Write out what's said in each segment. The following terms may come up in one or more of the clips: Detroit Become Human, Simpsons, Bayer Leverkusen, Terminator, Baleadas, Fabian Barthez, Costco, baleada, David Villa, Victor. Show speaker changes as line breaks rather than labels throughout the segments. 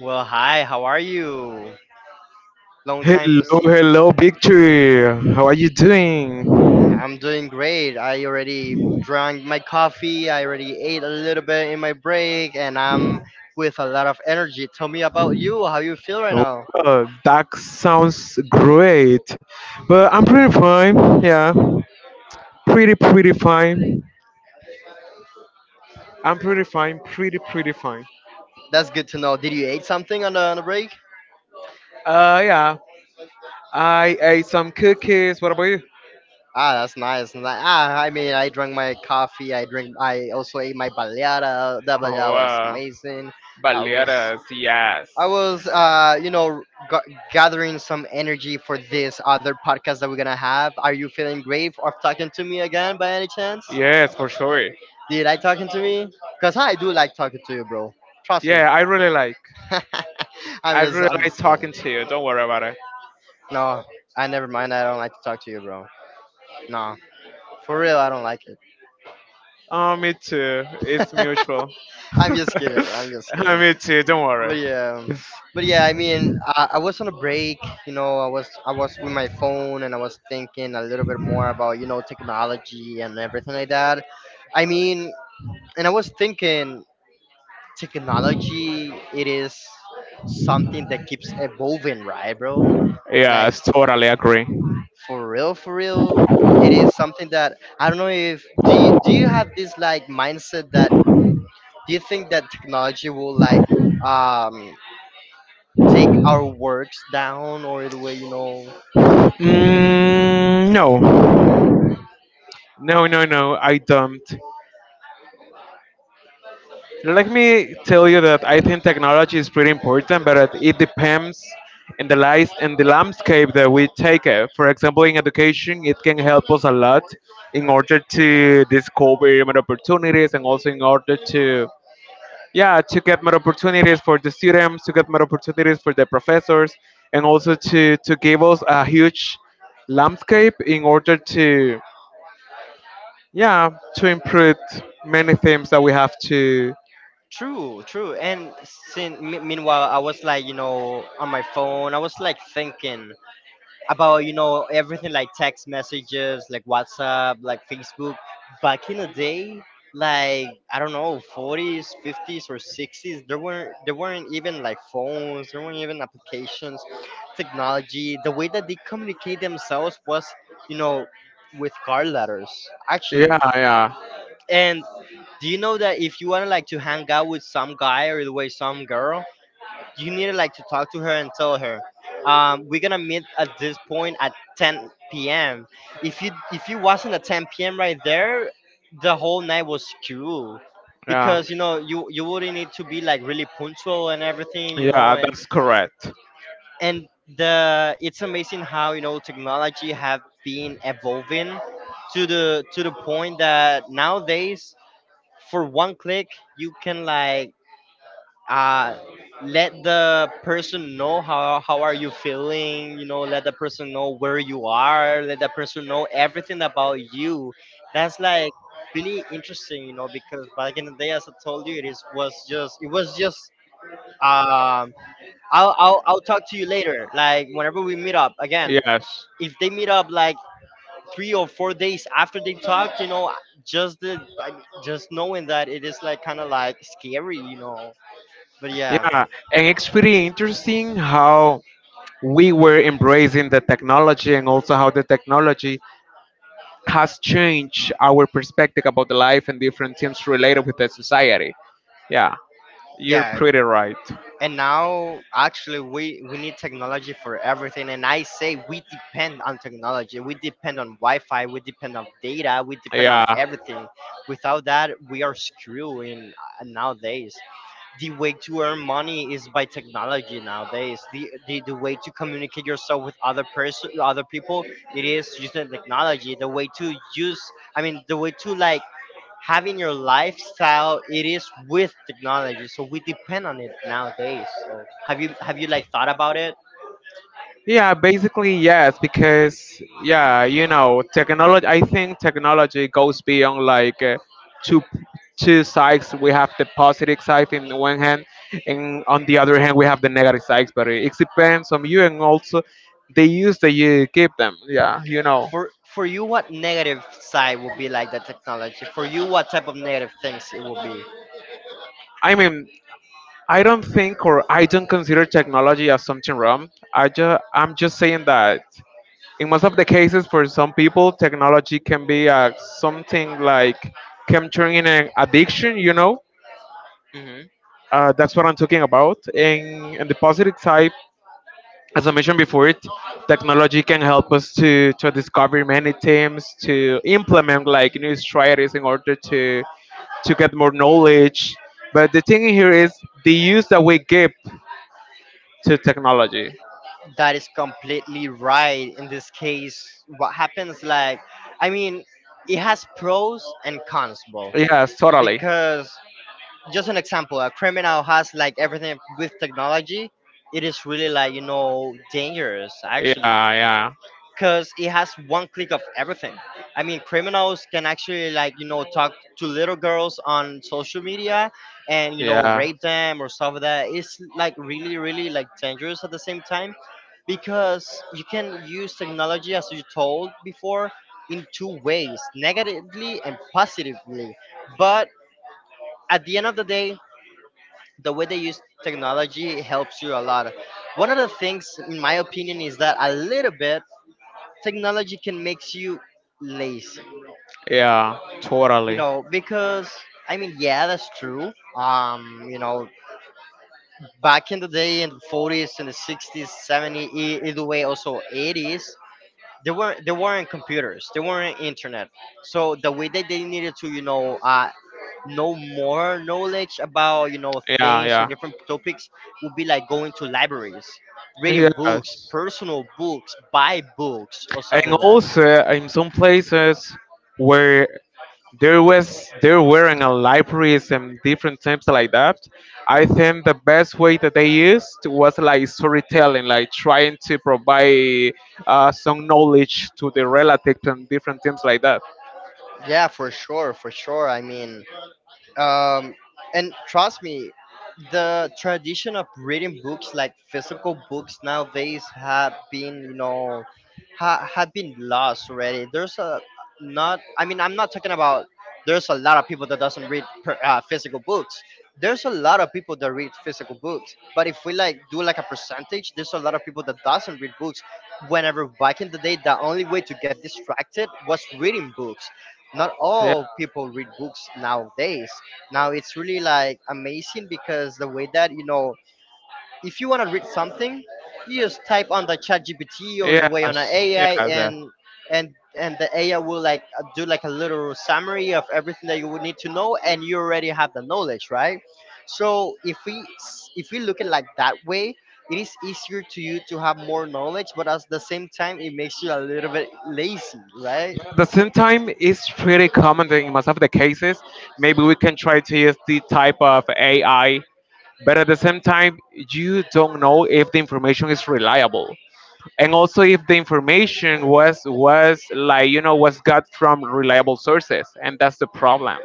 Well, hi, how are you? Long time no
Hello,
see.
hello, Victor. How are you doing?
I'm doing great. I already drank my coffee, I already ate a little bit in my break, and I'm with a lot of energy. Tell me about you, how you feel right now.
Oh, that sounds great. But I'm pretty fine. Yeah, pretty, pretty fine. I'm pretty fine. Pretty, pretty fine.
That's good to know. Did you eat something on the break?
Yeah. I ate some cookies. What about you?
Ah, that's nice. I drank my coffee. I drink. I also ate my baleada. That baleada
Oh,
was
uh,
amazing. I was
Baleadas, yes.
I was, gathering some energy for this other podcast that we're gonna have. Are you feeling great of talking to me again by any chance?
Yes, for sure.
Do you like talking to me? Cause I do like talking to you, bro. Trust me.
Yeah, I really like. I really
I'm
like
just
talking
kidding.
to you. Don't worry about it.
No, I never mind. I don't like to talk to you, bro. No, for real, I don't like it.
Oh, me too. It's mutual.
I'm just kidding. Bro, I'm just kidding.
Me too. Don't worry.
but yeah but yeah, I was on a break. I was with my phone, and I was thinking a little bit more about, you know, technology and everything like that. I mean and I was thinking technology, it is something that keeps evolving, right, bro?
Yeah, I
like
totally agree.
for real, for real, it is something that I don't know if do you have this like mindset that, do you think that technology will like um take our works down or the way, you know?
No. No, no, no. I don't. Let me tell you that I think technology is pretty important, but it depends in the lies and the landscape that we take it. For example, in education, it can help us a lot in order to discover more opportunities and also in order to yeah to get more opportunities for the students, to get more opportunities for the professors, and also to give us a huge landscape in order to yeah to improve many things that we have to.
True, true. And since meanwhile I was like, you know, on my phone, I was like thinking about, you know, everything, like text messages, like WhatsApp, like Facebook. Back in the day, like I don't know, 40s, 50s, or 60s, there weren't even like phones, there weren't even applications. Technology, the way that they communicate themselves was, you know, with card letters actually.
Yeah, yeah,
And do you know that if you want to like to hang out with some guy or the way some girl, you need to like to talk to her and tell her, we're gonna meet at this point at 10 p.m. If you wasn't at 10 p.m. right there, the whole night was screwed, because you know you wouldn't need to be like really punctual and everything, you know.
yeah.
and
That's correct.
and the it's amazing how, you know, technology have been evolving to the point that nowadays for one click you can like uh let the person know how are you feeling, you know, let the person know where you are, let the person know everything about you. That's like really interesting, you know, because back in the day, as I told you, it was just um I'll, I'll talk to you later, like whenever we meet up again.
Yes.
If they meet up like three or four days after they talked, you know, just the I mean, just knowing that, it is like kind of like scary, you know. But yeah,
Yeah. And it's pretty interesting how we were embracing the technology and also how the technology has changed our perspective about the life and different things related with the society. Yeah. You're
yeah.
pretty right.
And now actually we need technology for everything. And I say we depend on technology. We depend on Wi-Fi. We depend on data. We depend on
Yeah.
everything. Without that, we are screwed in, nowadays. The way to earn money is by technology nowadays. The way to communicate yourself with other people, it is using technology. The way to use I mean, the way to like having your lifestyle, it is with technology. So we depend on it nowadays. So have you like thought about it?
Yeah, basically yes, because yeah, you know, technology. I think technology goes beyond like two two sides. We have the positive side in one hand, and on the other hand, we have the negative sides. But it depends on you and also the use that you give them. Yeah, you know.
For for you, what negative side would be like the technology? For you, what type of negative things it will
I mean, I don't think or I don't consider technology as something wrong. I just I'm just saying that in most of the cases for some people technology can be something like can turn in an addiction, you know.
be?
That's what I'm talking about, and the positive side, as I mentioned before, it technology can help us to discover many things, to implement like new strategies in order to get more knowledge. But the thing here is the use that we give to technology.
That is completely right. In this case, what happens like, I mean, it has pros and cons, bro.
Yes, totally.
Because just an example, a criminal has like everything with technology. It is really like, you know, dangerous
Yeah,
actually,
yeah.
because it has one click of everything. I mean, criminals can actually like, you know, talk to little girls on social media and, you know,
Yeah.
rape them or stuff like that. It's like really, really like dangerous at the same time, because you can use technology, as you told before, in two ways, negatively and positively. But at the end of the day, the way they use technology helps you a lot. One of the things in my opinion is that a little bit technology can makes you lazy,
Yeah,
you
totally.
know, because yeah, that's true. You know, back in the day, in the 40s and the 60s, 70s, either way also 80s, there weren't computers, there weren't internet. So the way that they needed to, you know, know more knowledge about, you know,
Yeah,
things or
yeah.
different topics would be like going to libraries, reading books,
Yes,
personal books, buy books, or stuff
and
like that.
also in some places where there was there weren't a libraries and different types like that, I think the best way that they used was like storytelling, like trying to provide some knowledge to the relatives and different things like that.
Yeah, for sure, for sure. I mean, um, and trust me, the tradition of reading books, like physical books, nowadays have been, you know, have been lost already. There's a not I mean, I'm not talking about, there's a lot of people that doesn't read per, physical books. There's a lot of people that read physical books, but if we like do like a percentage, there's a lot of people that doesn't read books. Whenever back in the day, the only way to get distracted was reading books. Not all people read books nowadays. Now it's really like amazing because the way that, you know, if you want to read something, you just type on the ChatGPT or the way on an AI, and the AI will like, do like a little summary of everything that you would need to know, and you already have the knowledge, right? So if we look at like that way, it is easier to you to have more knowledge, but at the same time it makes you a little bit lazy, right?
The same time is pretty common that in most of the cases. Maybe we can try to use the type of AI, but at the same time, you don't know if the information is reliable, and also if the information was like you know was got from reliable sources, and that's the problem.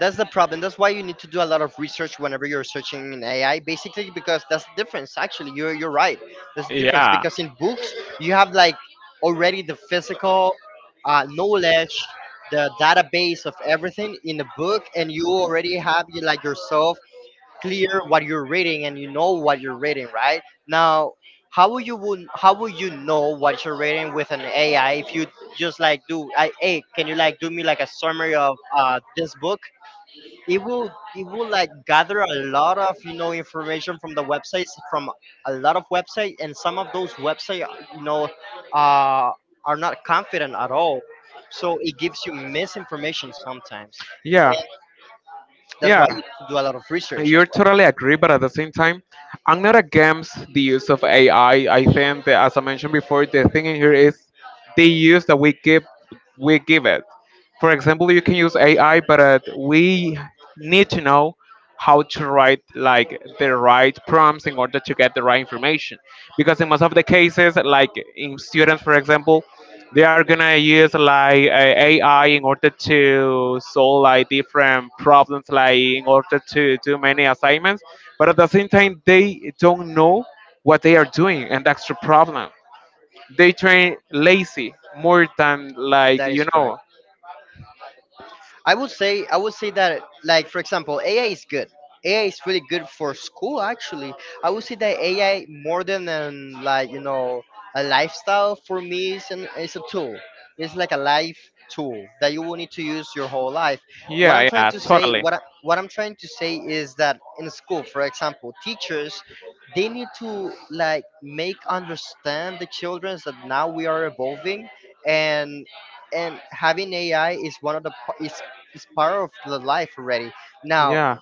That's the problem. That's why you need to do a lot of research whenever you're searching in AI, basically because that's the difference. Actually, you're right. That's the difference,
Yeah.
because in books you have like already the physical, knowledge, the database of everything in the book, and you already have, you like yourself, clear what you're reading, and you know what you're reading, right? Now, how will you know what you're reading with an AI if you just like do, I, hey, can you like do me like a summary of, this book? it will it will like gather a lot of, you know, information from the websites, from a lot of website, and some of those website, you know uh, are not confident at all. So it gives you misinformation sometimes, and
Yeah,
that's why you need to do
yeah, you need to develop
a lot of research.
research.
That's-
You're for totally agree, but at the same time, I'm not against the use of AI. I think that, as I mentioned before, the thing in here is the use that we give it. For example, you can use AI, but we need to know how to write like the right prompts in order to get the right information. Because in most of the cases, like in students, for example, they are gonna use like AI in order to solve like different problems, like in order to do many assignments. But at the same time, they don't know what they are doing, and that's the problem. They train lazy more than like
that is
you
correct.
know.
I would say that, like for example, AI is good. AI is really good for school actually. I would say that AI, more than an, like you know, a lifestyle for me, is an is a tool. It's like a life tool that you will need to use your whole life. What I'm
Yeah,
trying
yeah,
to say,
totally.
what I'm trying to say is that in school, for example, teachers, they need to like make understand the children that now we are evolving, and and having AI is one of the pa- is it's part of the life already. Now,
Yeah,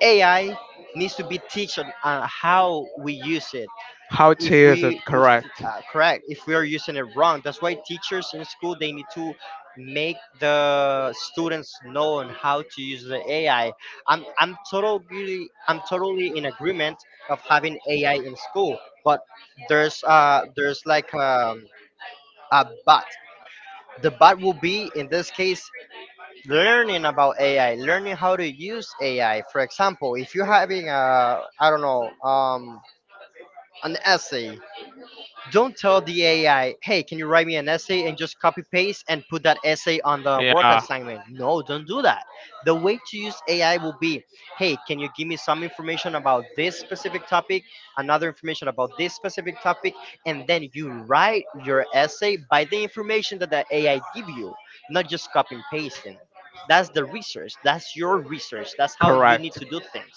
AI needs to be teach on, how we use it.
how to
If
use it
we, if
correct.
correct, if we are using it wrong, that's why teachers in school, they need to make the students know on how to use the AI. I'm totally in agreement of having AI in school, but there's like a but. The but will be in this case learning about AI, learning how to use AI. For example, if you're having a, I don't know, an essay, don't tell the AI, hey, can you write me an essay and just copy paste and put that essay on the work
Yeah,
assignment? No, don't do that. The way to use AI will be, hey, can you give me some information about this specific topic, another information about this specific topic, and then you write your essay by the information that the AI give you, not just copy and pasting. That's the research. That's your research. That's how you need
correct.
to do things,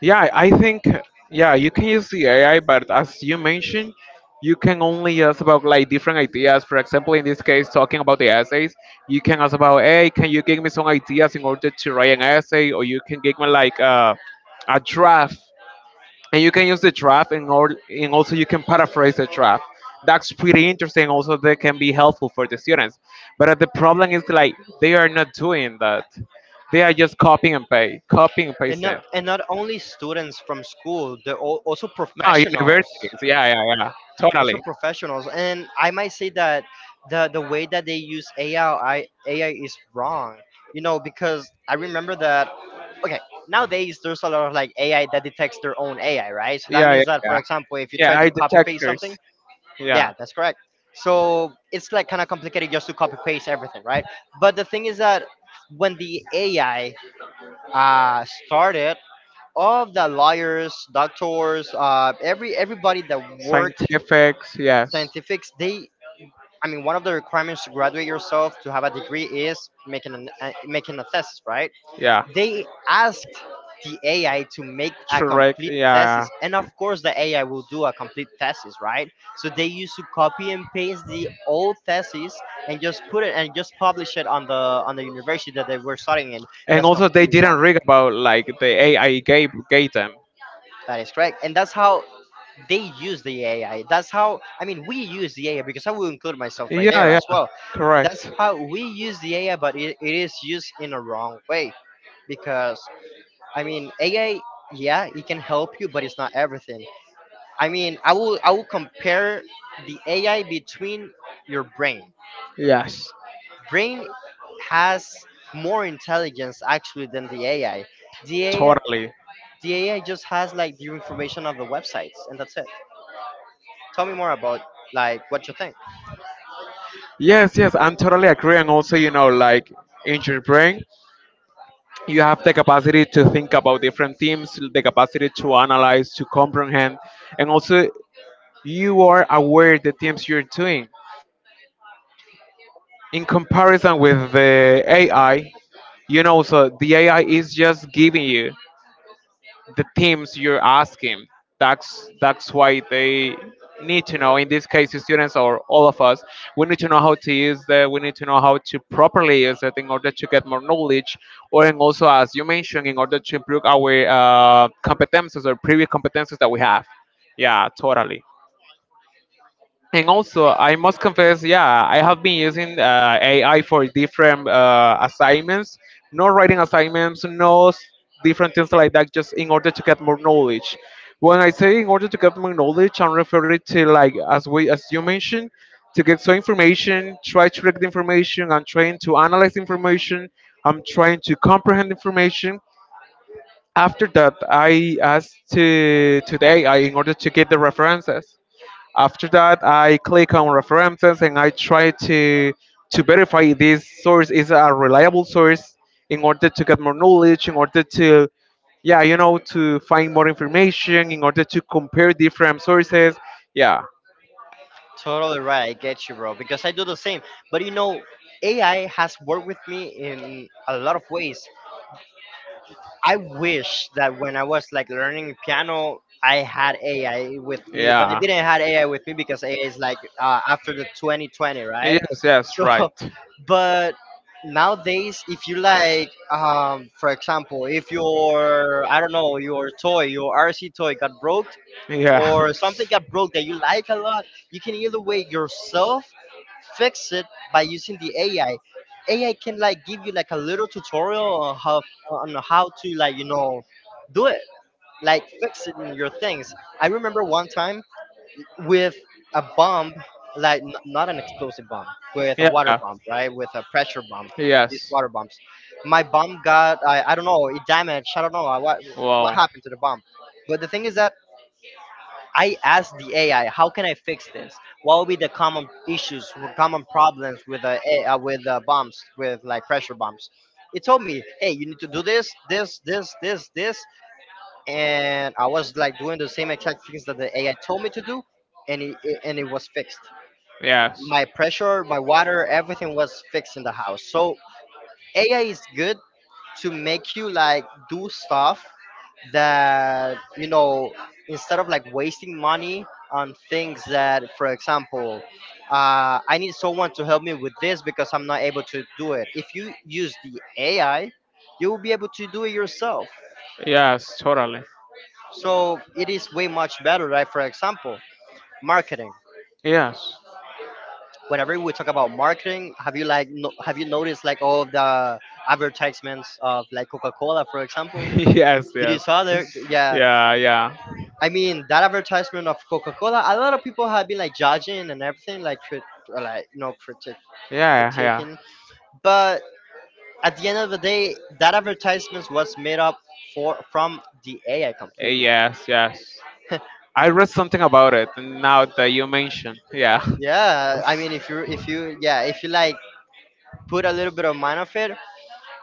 Yeah, I think yeah, you can use the AI, but as you mentioned, you can only ask about like different ideas. For example, in this case, talking about the essays, you can ask about, hey, can you give me some ideas in order to write an essay, or you can give me like a draft, and you can use the draft and or and also you can paraphrase the draft. That's pretty interesting also, that can be helpful for the students, but the problem is like they are not doing that, they are just copying and paste copying and
and
pasting.
not only students from school, they're also
No,
professionals.
universities, yeah, yeah, yeah. Totally.
And I might say that the way that they use ai is wrong. You know, because I remember that, okay, nowadays there's a lot of like AI that detects their own AI, right? So
Yeah,
that
yeah,
means that, for
yeah.
example, if you
Yeah,
try
I
to copy paste
detectors.
something.
Yeah.
Yeah, that's correct. So it's like kind of complicated just to copy paste everything, right? But the thing is that when the AI started, all of the lawyers, doctors, everybody that worked,
Scientifics, yes.
scientifics, they, I mean, one of the requirements to graduate yourself to have a degree is making an making a thesis, right?
Yeah.
They asked the AI to make a
Shrek.
complete thesis,
Yeah.
and of
Yeah.
course, the AI will do a complete thesis, right? So they used to copy and paste the old thesis and just put it and just publish it on the university that they were studying in.
And
That's
also, they
completely
didn't
wrong.
rig about like the AI gave gave them.
That is correct, and that's how they use the AI. That's how, I mean, we use the AI, because I will include myself right
Yeah.
there as
Yeah.
well. That's
Correct.
how we use the AI, but it is used in a wrong way, because I mean AI, yeah, it can help you, but it's not everything. I mean, I will compare the AI between your brain.
Yes,
Brain has more intelligence actually than the AI. The AI
totally.
the AI just has like the information of the websites, and that's it. Tell me more about like what you think.
Yes, yes, I'm totally agree. And also, you know, like in your brain, you have the capacity to think about different themes, the capacity to analyze, to comprehend, and also you are aware the themes you're doing. In comparison with the AI, you know, so the AI is just giving you the themes you're asking. That's why they need to know, in this case the students or all of us, we need to know how to use the we need to know how to properly use it in order to get more knowledge, or and also as you mentioned in order to improve our competences or previous competences that we have. Yeah, totally. And also, I must confess, yeah, I have been using AI for different assignments, no writing assignments, no s- different things like that, just in order to get more knowledge. When I say in order to get more knowledge, I'm referring to like as we as you mentioned, to get some information, try to read the information, I'm trying to analyze information, I'm trying to comprehend information. After that, I asked to the AI in order to get the references. After that, I click on references and I try to verify this source is a reliable source, in order to get more knowledge, in order to yeah, you know, to find more information, in order to compare different sources. Yeah,
Totally right. I get you, bro, because I do the same. But you know, AI has worked with me in a lot of ways. I wish that when I was like learning piano, I had AI with me, but I
yeah.
didn't had AI with me, because AI is like after the 2020, right?
Yes, yes, right.
So, but nowadays, if you like, for example, if your, I don't know, your toy, your RC toy got broke,
Yeah.
or something got broke that you like a lot, you can either way yourself fix it by using the AI. AI can like give you like a little tutorial on how to like you know do it, like fix it in your things. I remember one time with a bomb, like not an explosive bomb, with a
Yeah.
water
Right.
bomb, right? With a pressure bomb,
Big.
these water bombs. My bomb got, I don't know, it damaged. I don't know, what happened to the bomb. But the thing is that I asked the AI, how can I fix this? What would be the common issues, or common problems with bumps, with like pressure bumps? It told me, hey, you need to do this, this, this, this, this, and I was like doing the same exact things that the AI told me to do, and it was fixed.
Yes.
My pressure, my water, everything was fixed in the house. So AI is good to make you like do stuff that you know instead of like wasting money on things that, for example, I need someone to help me with this because I'm not able to do it. If you use the AI, you will be able to do it yourself.
Yes, totally.
So it is way much better, right? For example, marketing.
Yes.
Whenever we talk about marketing, have you like, no, have you noticed like all of the advertisements of like Coca-Cola, for example?
Yes,
Did you
yes.
saw there? Yeah.
Yeah, yeah.
I mean, that advertisement of Coca Cola, a lot of people have been like judging and everything, like, crit- like no know, critic-
Yeah, yeah.
critiquing. But at the end of the day, that advertisement was made up for from the AI completely.
Yes, yes. I read something about it now that you mentioned. Yeah.
Yeah, I mean, if you yeah, if you like put a little bit of mind of it,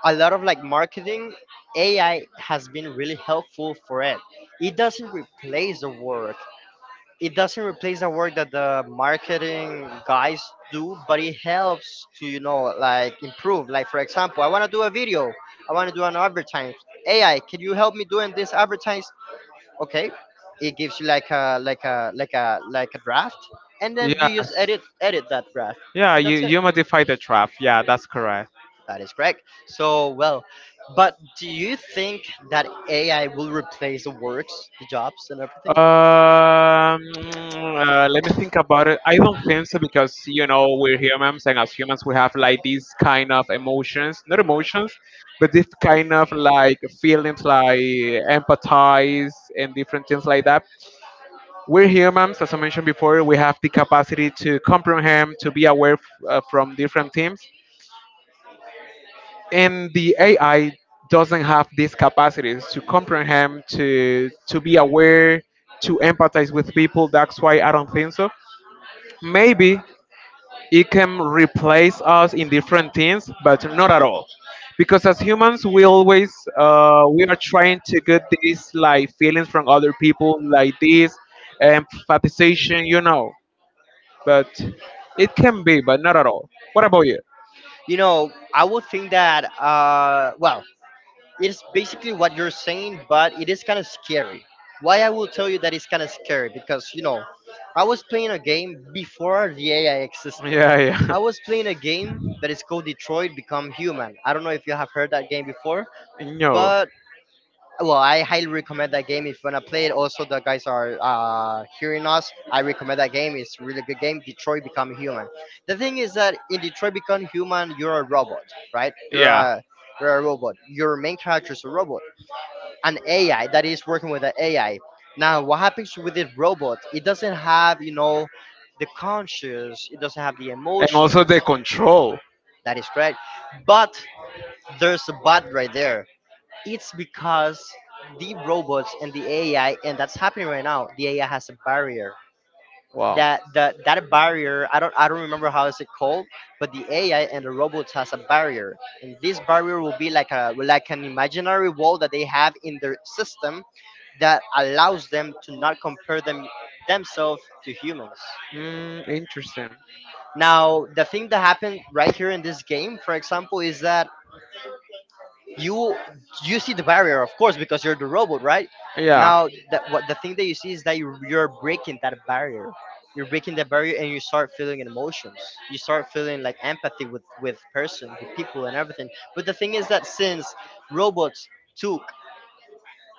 a lot of like marketing AI has been really helpful for it. It doesn't replace the work. It doesn't replace the work that the marketing guys do, but it helps to you know like improve, like for example, I want to do a video, I want to do an advertise. AI, can you help me doing this advertise? Okay, it gives you like a draft, and then you just
Yes.
edit that draft,
Yeah,
and
you,
that's it.
you modify the draft. Yeah, that's correct.
That is correct. So well, but do you think that AI will replace the works, the jobs, and everything?
Um, Let me think about it. I don't think so because you know we're humans, and as humans, we have like these kind of emotions—not emotions, but this kind of like feelings, like empathize and different things like that. We're humans, as I mentioned before. We have the capacity to comprehend, to be from different teams, and the AI doesn't have these capacities to comprehend, to be aware, to empathize with people. That's why I don't think so. Maybe it can replace us in different things, but not at all. Because as humans, we always we are trying to get these like feelings from other people, like this empathization, you know. But it can be, but not at all. What about you?
You know, I would think that, well, it's basically what you're saying, but it is kind of scary. Why I will tell you that it's kind of scary, because, you know, I was playing a game before the AI existed.
Yeah, yeah.
I was playing a game that is called Detroit Become Human. I don't know if you have heard that game before,
No.
but well, I highly recommend that game if you want to play it. Also, the guys are hearing us, I recommend that game, it's really good game, Detroit Become Human. The thing is that in Detroit Become Human, you're a robot, right?
Yeah.
You're a robot, your main character is a robot, an AI that is working with an AI. Now, what happens with this robot? It doesn't have, you know, the conscience, it doesn't have the
And
emotions.
also the control.
That is correct. But there's a but right there. It's because the robots and the AI, and that's happening right now. The AI has a barrier.
Wow.
That barrier, I don't, remember how is it called, but the AI and the robots has a barrier, and this barrier will be like a like an imaginary wall that they have in their system that allows them to not compare them themselves to humans.
Mm, interesting.
Now, the thing that happened right here in this game, for example, is that you you see the barrier, of course, because you're the robot, right? Now that, what, the thing that you see is that you're breaking that barrier. You're breaking that barrier and you start feeling emotions, you start feeling like empathy with person with people and everything. But the thing is that since robots took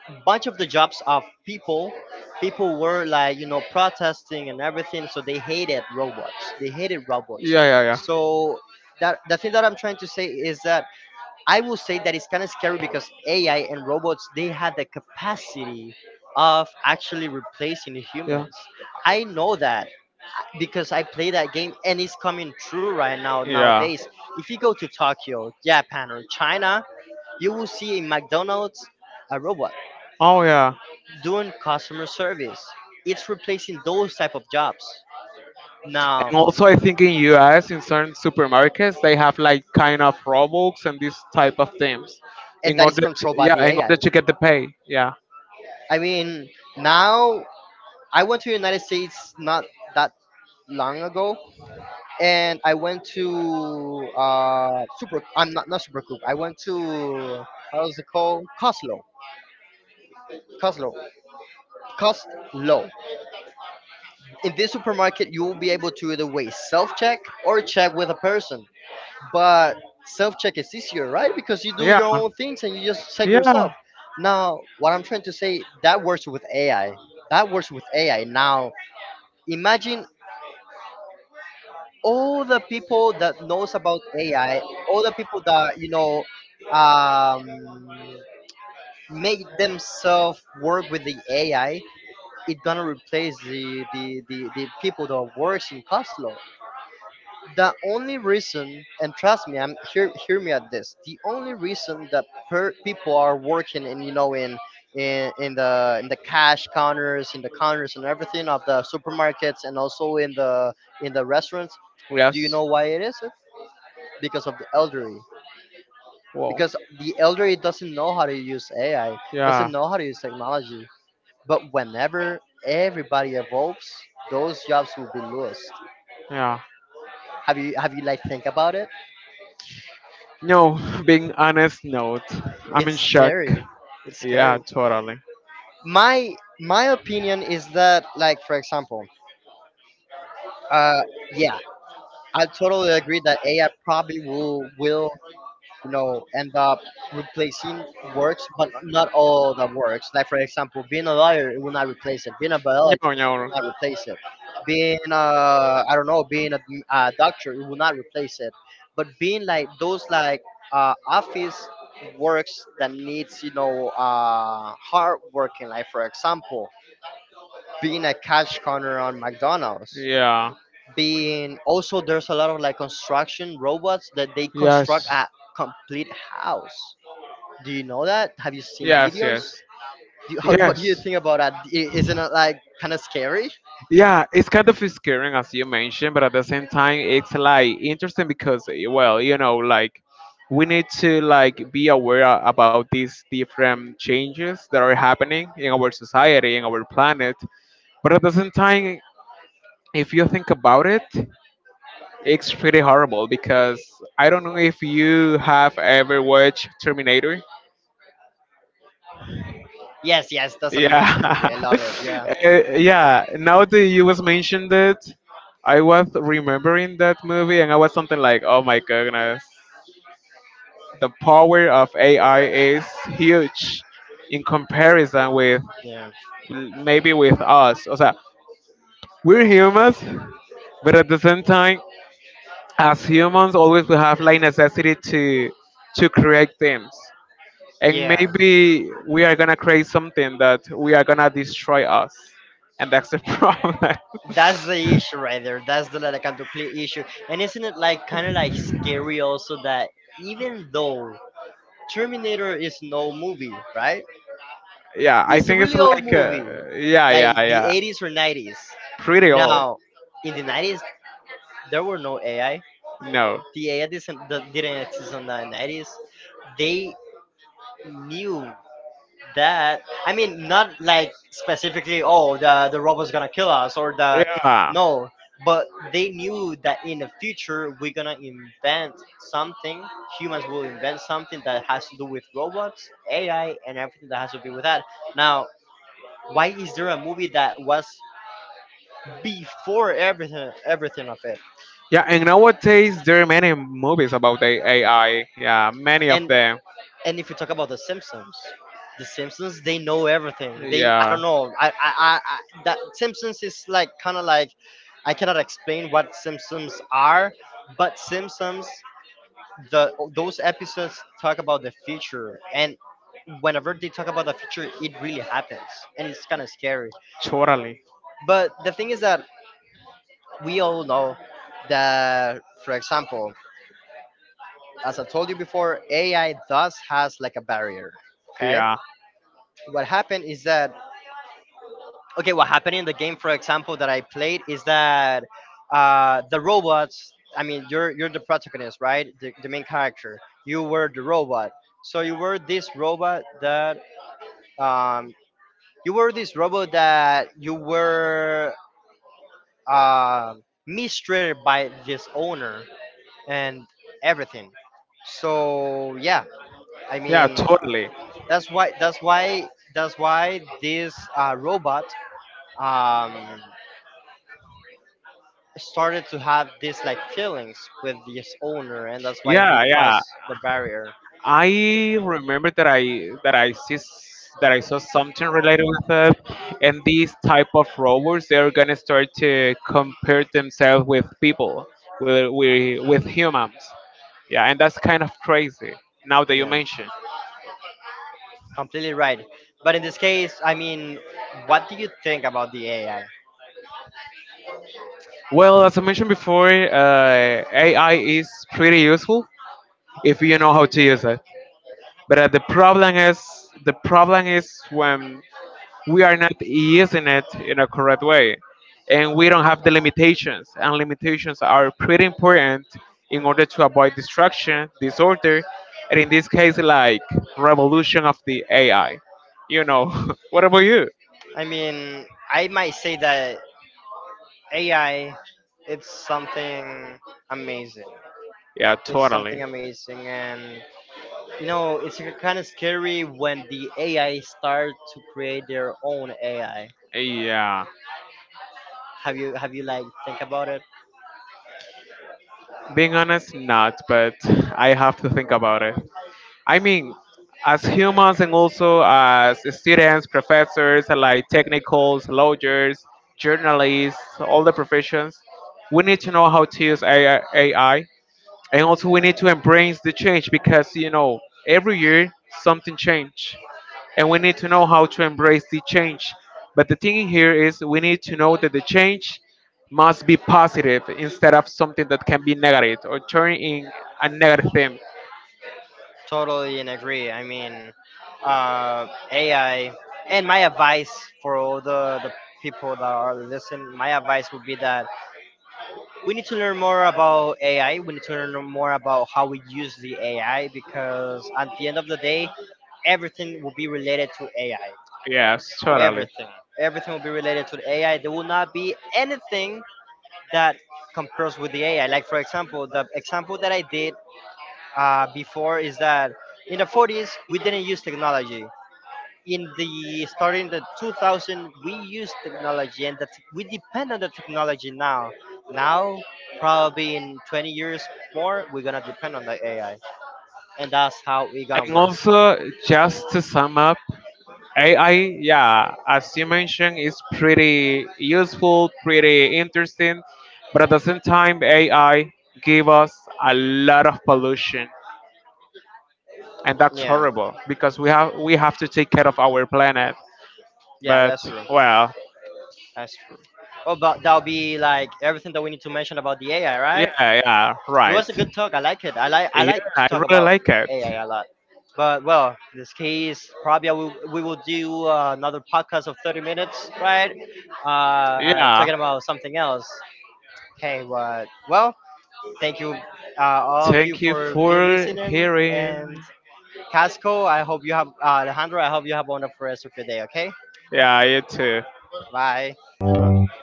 a bunch of the jobs of people, people were like, you know,
Yeah.
protesting and everything, so they hated robots,
Yeah, yeah,
so that the thing that I'm trying to say is that I will say that it's kind of scary because AI and robots, they have the capacity of actually replacing
yeah,
humans. I know that because I play that game and it's coming true right now
yeah, yeah.
nowadays. If you go to Tokyo, Japan or China, you will see in McDonald's a robot
Oh yeah.
doing customer service. It's replacing those type of jobs. Now,
And also, I think in US, in certain supermarkets, they have like kind of Robux and this type of things,
and
in
that is
order to
controlled by
yeah,
the
in
AI.
order to get the pay. Yeah,
I mean, now I went to United States not that long ago, and I went to super. I'm not, not super I went to, how's it called? Coslo. Coslo. Costco. In this supermarket, you will be able to either way self check or check with a person. But self check is easier, right? Because you do
yeah,
your own things and you just check yourself.
yeah.
Now, what I'm trying to say, that works with AI. Now, imagine all the people that knows about AI, all the people that you know um, make themselves work with the AI, it gonna replace the people that works in Coslo. The only reason, and trust me, I'm hear me at this. The only reason that people are working in, you know, in the cash counters, in the counters and everything of the supermarkets, and also in the restaurants. Do you
Yes.
know why it is? Because of the elderly.
Wow.
Because the elderly doesn't know how to use AI,
Yeah,
doesn't know how to use technology. But whenever everybody evolves, those jobs will be lost.
yeah.
Have you like think about it?
No, being honest, no. I'm in
It's
shock.
scary. it's
Yeah,
scary
totally.
my opinion is that, like, for example, uh yeah, I totally agree that AI probably will you know end up replacing works, but not all the works, like for example, being a lawyer, it will not replace it. Being a biologist,
No, no.
not replace it. Being I don't know, being a doctor, it will not replace it. But being like those like office works that needs you know hard working, like for example, being a cash counter on McDonald's.
Yeah.
Being also, there's a lot of like construction robots that they construct
Yes.
a complete house. Do you know that? Have you seen
Yes,
videos?
yes.
Do you, how, what do you
Yes.
think about that? I, isn't it like kind of scary?
Yeah, it's kind of scaring as you mentioned, but at the same time, it's like interesting because, well, you know, like we need to like be about these different changes that are happening in our society, in our planet. But at the same time, if you think about it, it's pretty horrible because I don't know if you have ever watched Terminator.
Yes, yes, that's an amazing movie. I
Yeah.
love it. Yeah.
Uh, yeah. Now that you was mentioned it, I was remembering that movie, and I was something like, "Oh my goodness, the power of AI is huge in comparison with
Yeah.
maybe with us." O sea, we're humans, but at the same time, as humans always we have like necessity to create things, and
Yeah.
maybe we are gonna create something that we are gonna destroy us, and that's the problem.
That's the issue right there. That's the like a complete issue. And isn't it like kind of like scary also that even though Terminator is no movie, right?
Yeah, I
It's a
think it's
really old
like
movie,
yeah,
like
yeah,
the
yeah,
80s or 90s.
pretty old.
Now, in the 90s, there were no AI.
No.
The AI didn't, that didn't exist on the 90s. They knew that. I mean, not like specifically, oh, the robot's gonna kill us, or the.
Yeah.
No, but they knew that in the future, we're gonna invent something. Humans will invent something that has to do with robots, AI, and everything that has to do with that. Now, why is there a movie that was before everything of it?
Yeah, and nowadays there are many movies about the AI. Yeah, many of
And
them.
and if you talk about the Simpsons, the Simpsons, they know everything. They, I
Yeah.
don't know. I that Simpsons is like kind of like, I cannot explain what Simpsons are, but Simpsons, the those episodes talk about the future, and whenever they talk about the future, it really happens, and it's kind of scary.
Totally.
But the thing is that we all know that, for example, as I told you before, AI does has like a barrier. Okay,
Yeah.
what happened is that, okay, what happened in the game, for example, that I played is that the robots. I mean, you're the protagonist, right? The main character. You were the robot. So you were this robot that um, you were this robot that you were uh, mistreated by this owner and everything. So yeah, I
Yeah,
mean,
totally.
that's why. That's why this robot um, started to have these like feelings with his owner, and that's why he
Yeah, yeah.
crossed the barrier.
I remember that I see s- that I saw something related with that, and these type of robots they're gonna start to compare themselves with people, with humans. Yeah, and that's kind of crazy. Now that you
Yeah,
mention,
completely right. But in this case, I mean, what do you think about the AI?
well, as I mentioned before, AI is pretty useful if you know how to use it. But the problem is when we are not using it in a correct way and we don't have the limitations, and limitations are pretty important in order to avoid distraction disorder, and in this case like revolution of the AI, you know. What about you?
I mean, I might say that AI, it's something amazing.
Yeah,
It's
totally.
something amazing, and you know, it's kind of scary when the AI start to create their own AI.
Yeah,
Have you like think about it?
being honest, not, but I have to think about it. I mean, as humans and also as students, professors, like technicals, lawyers, journalists, all the professions, we need to know how to use AI, and also we need to embrace the change because you know every year something change, and we need to know how to embrace the change. But the thing here is we need to know that the change must be positive instead of something that can be negative or turn in a negative thing.
Totally and agree. I mean, AI. And my advice for all the people that are listening, my advice would be that we need to learn more about AI. We need to learn more about how we use the AI, because at the end of the day, everything will be related to AI.
Yes, totally.
Everything. Everything will be related to the AI. There will not be anything that compares with the AI. Like, for example, the example that I did before is that in the 40s, we didn't use technology. In the starting the 2000, we use technology, and that we depend on the technology now. now Probably in 20 years more, we're gonna depend on the AI, and that's how we're gonna
And
work.
also, just to sum up, AI, yeah, as you mentioned, is pretty useful, pretty interesting, but at the same time, AI gave us a lot of pollution, and that's
Yeah,
horrible because we have to take care of our planet.
yeah,
But
that's true.
well,
that's true Well, but that'll be like everything that we need to mention about the AI,
yeah,
right?
yeah,
It was a
right.
good talk. I like it. I
Yeah,
like to
I
talk
really
about
like it.
AI a lot. But well, in this case, probably I will, we will do another podcast of 30 minutes, right?
Yeah.
Talking about something else. Okay, but well, thank you all of you
Thank you
for being
for
listening.
hearing.
And Casco, I hope you have Alejandro, I hope you have a wonderful rest of your day. Okay,
Yeah, you too.
bye.
Bye.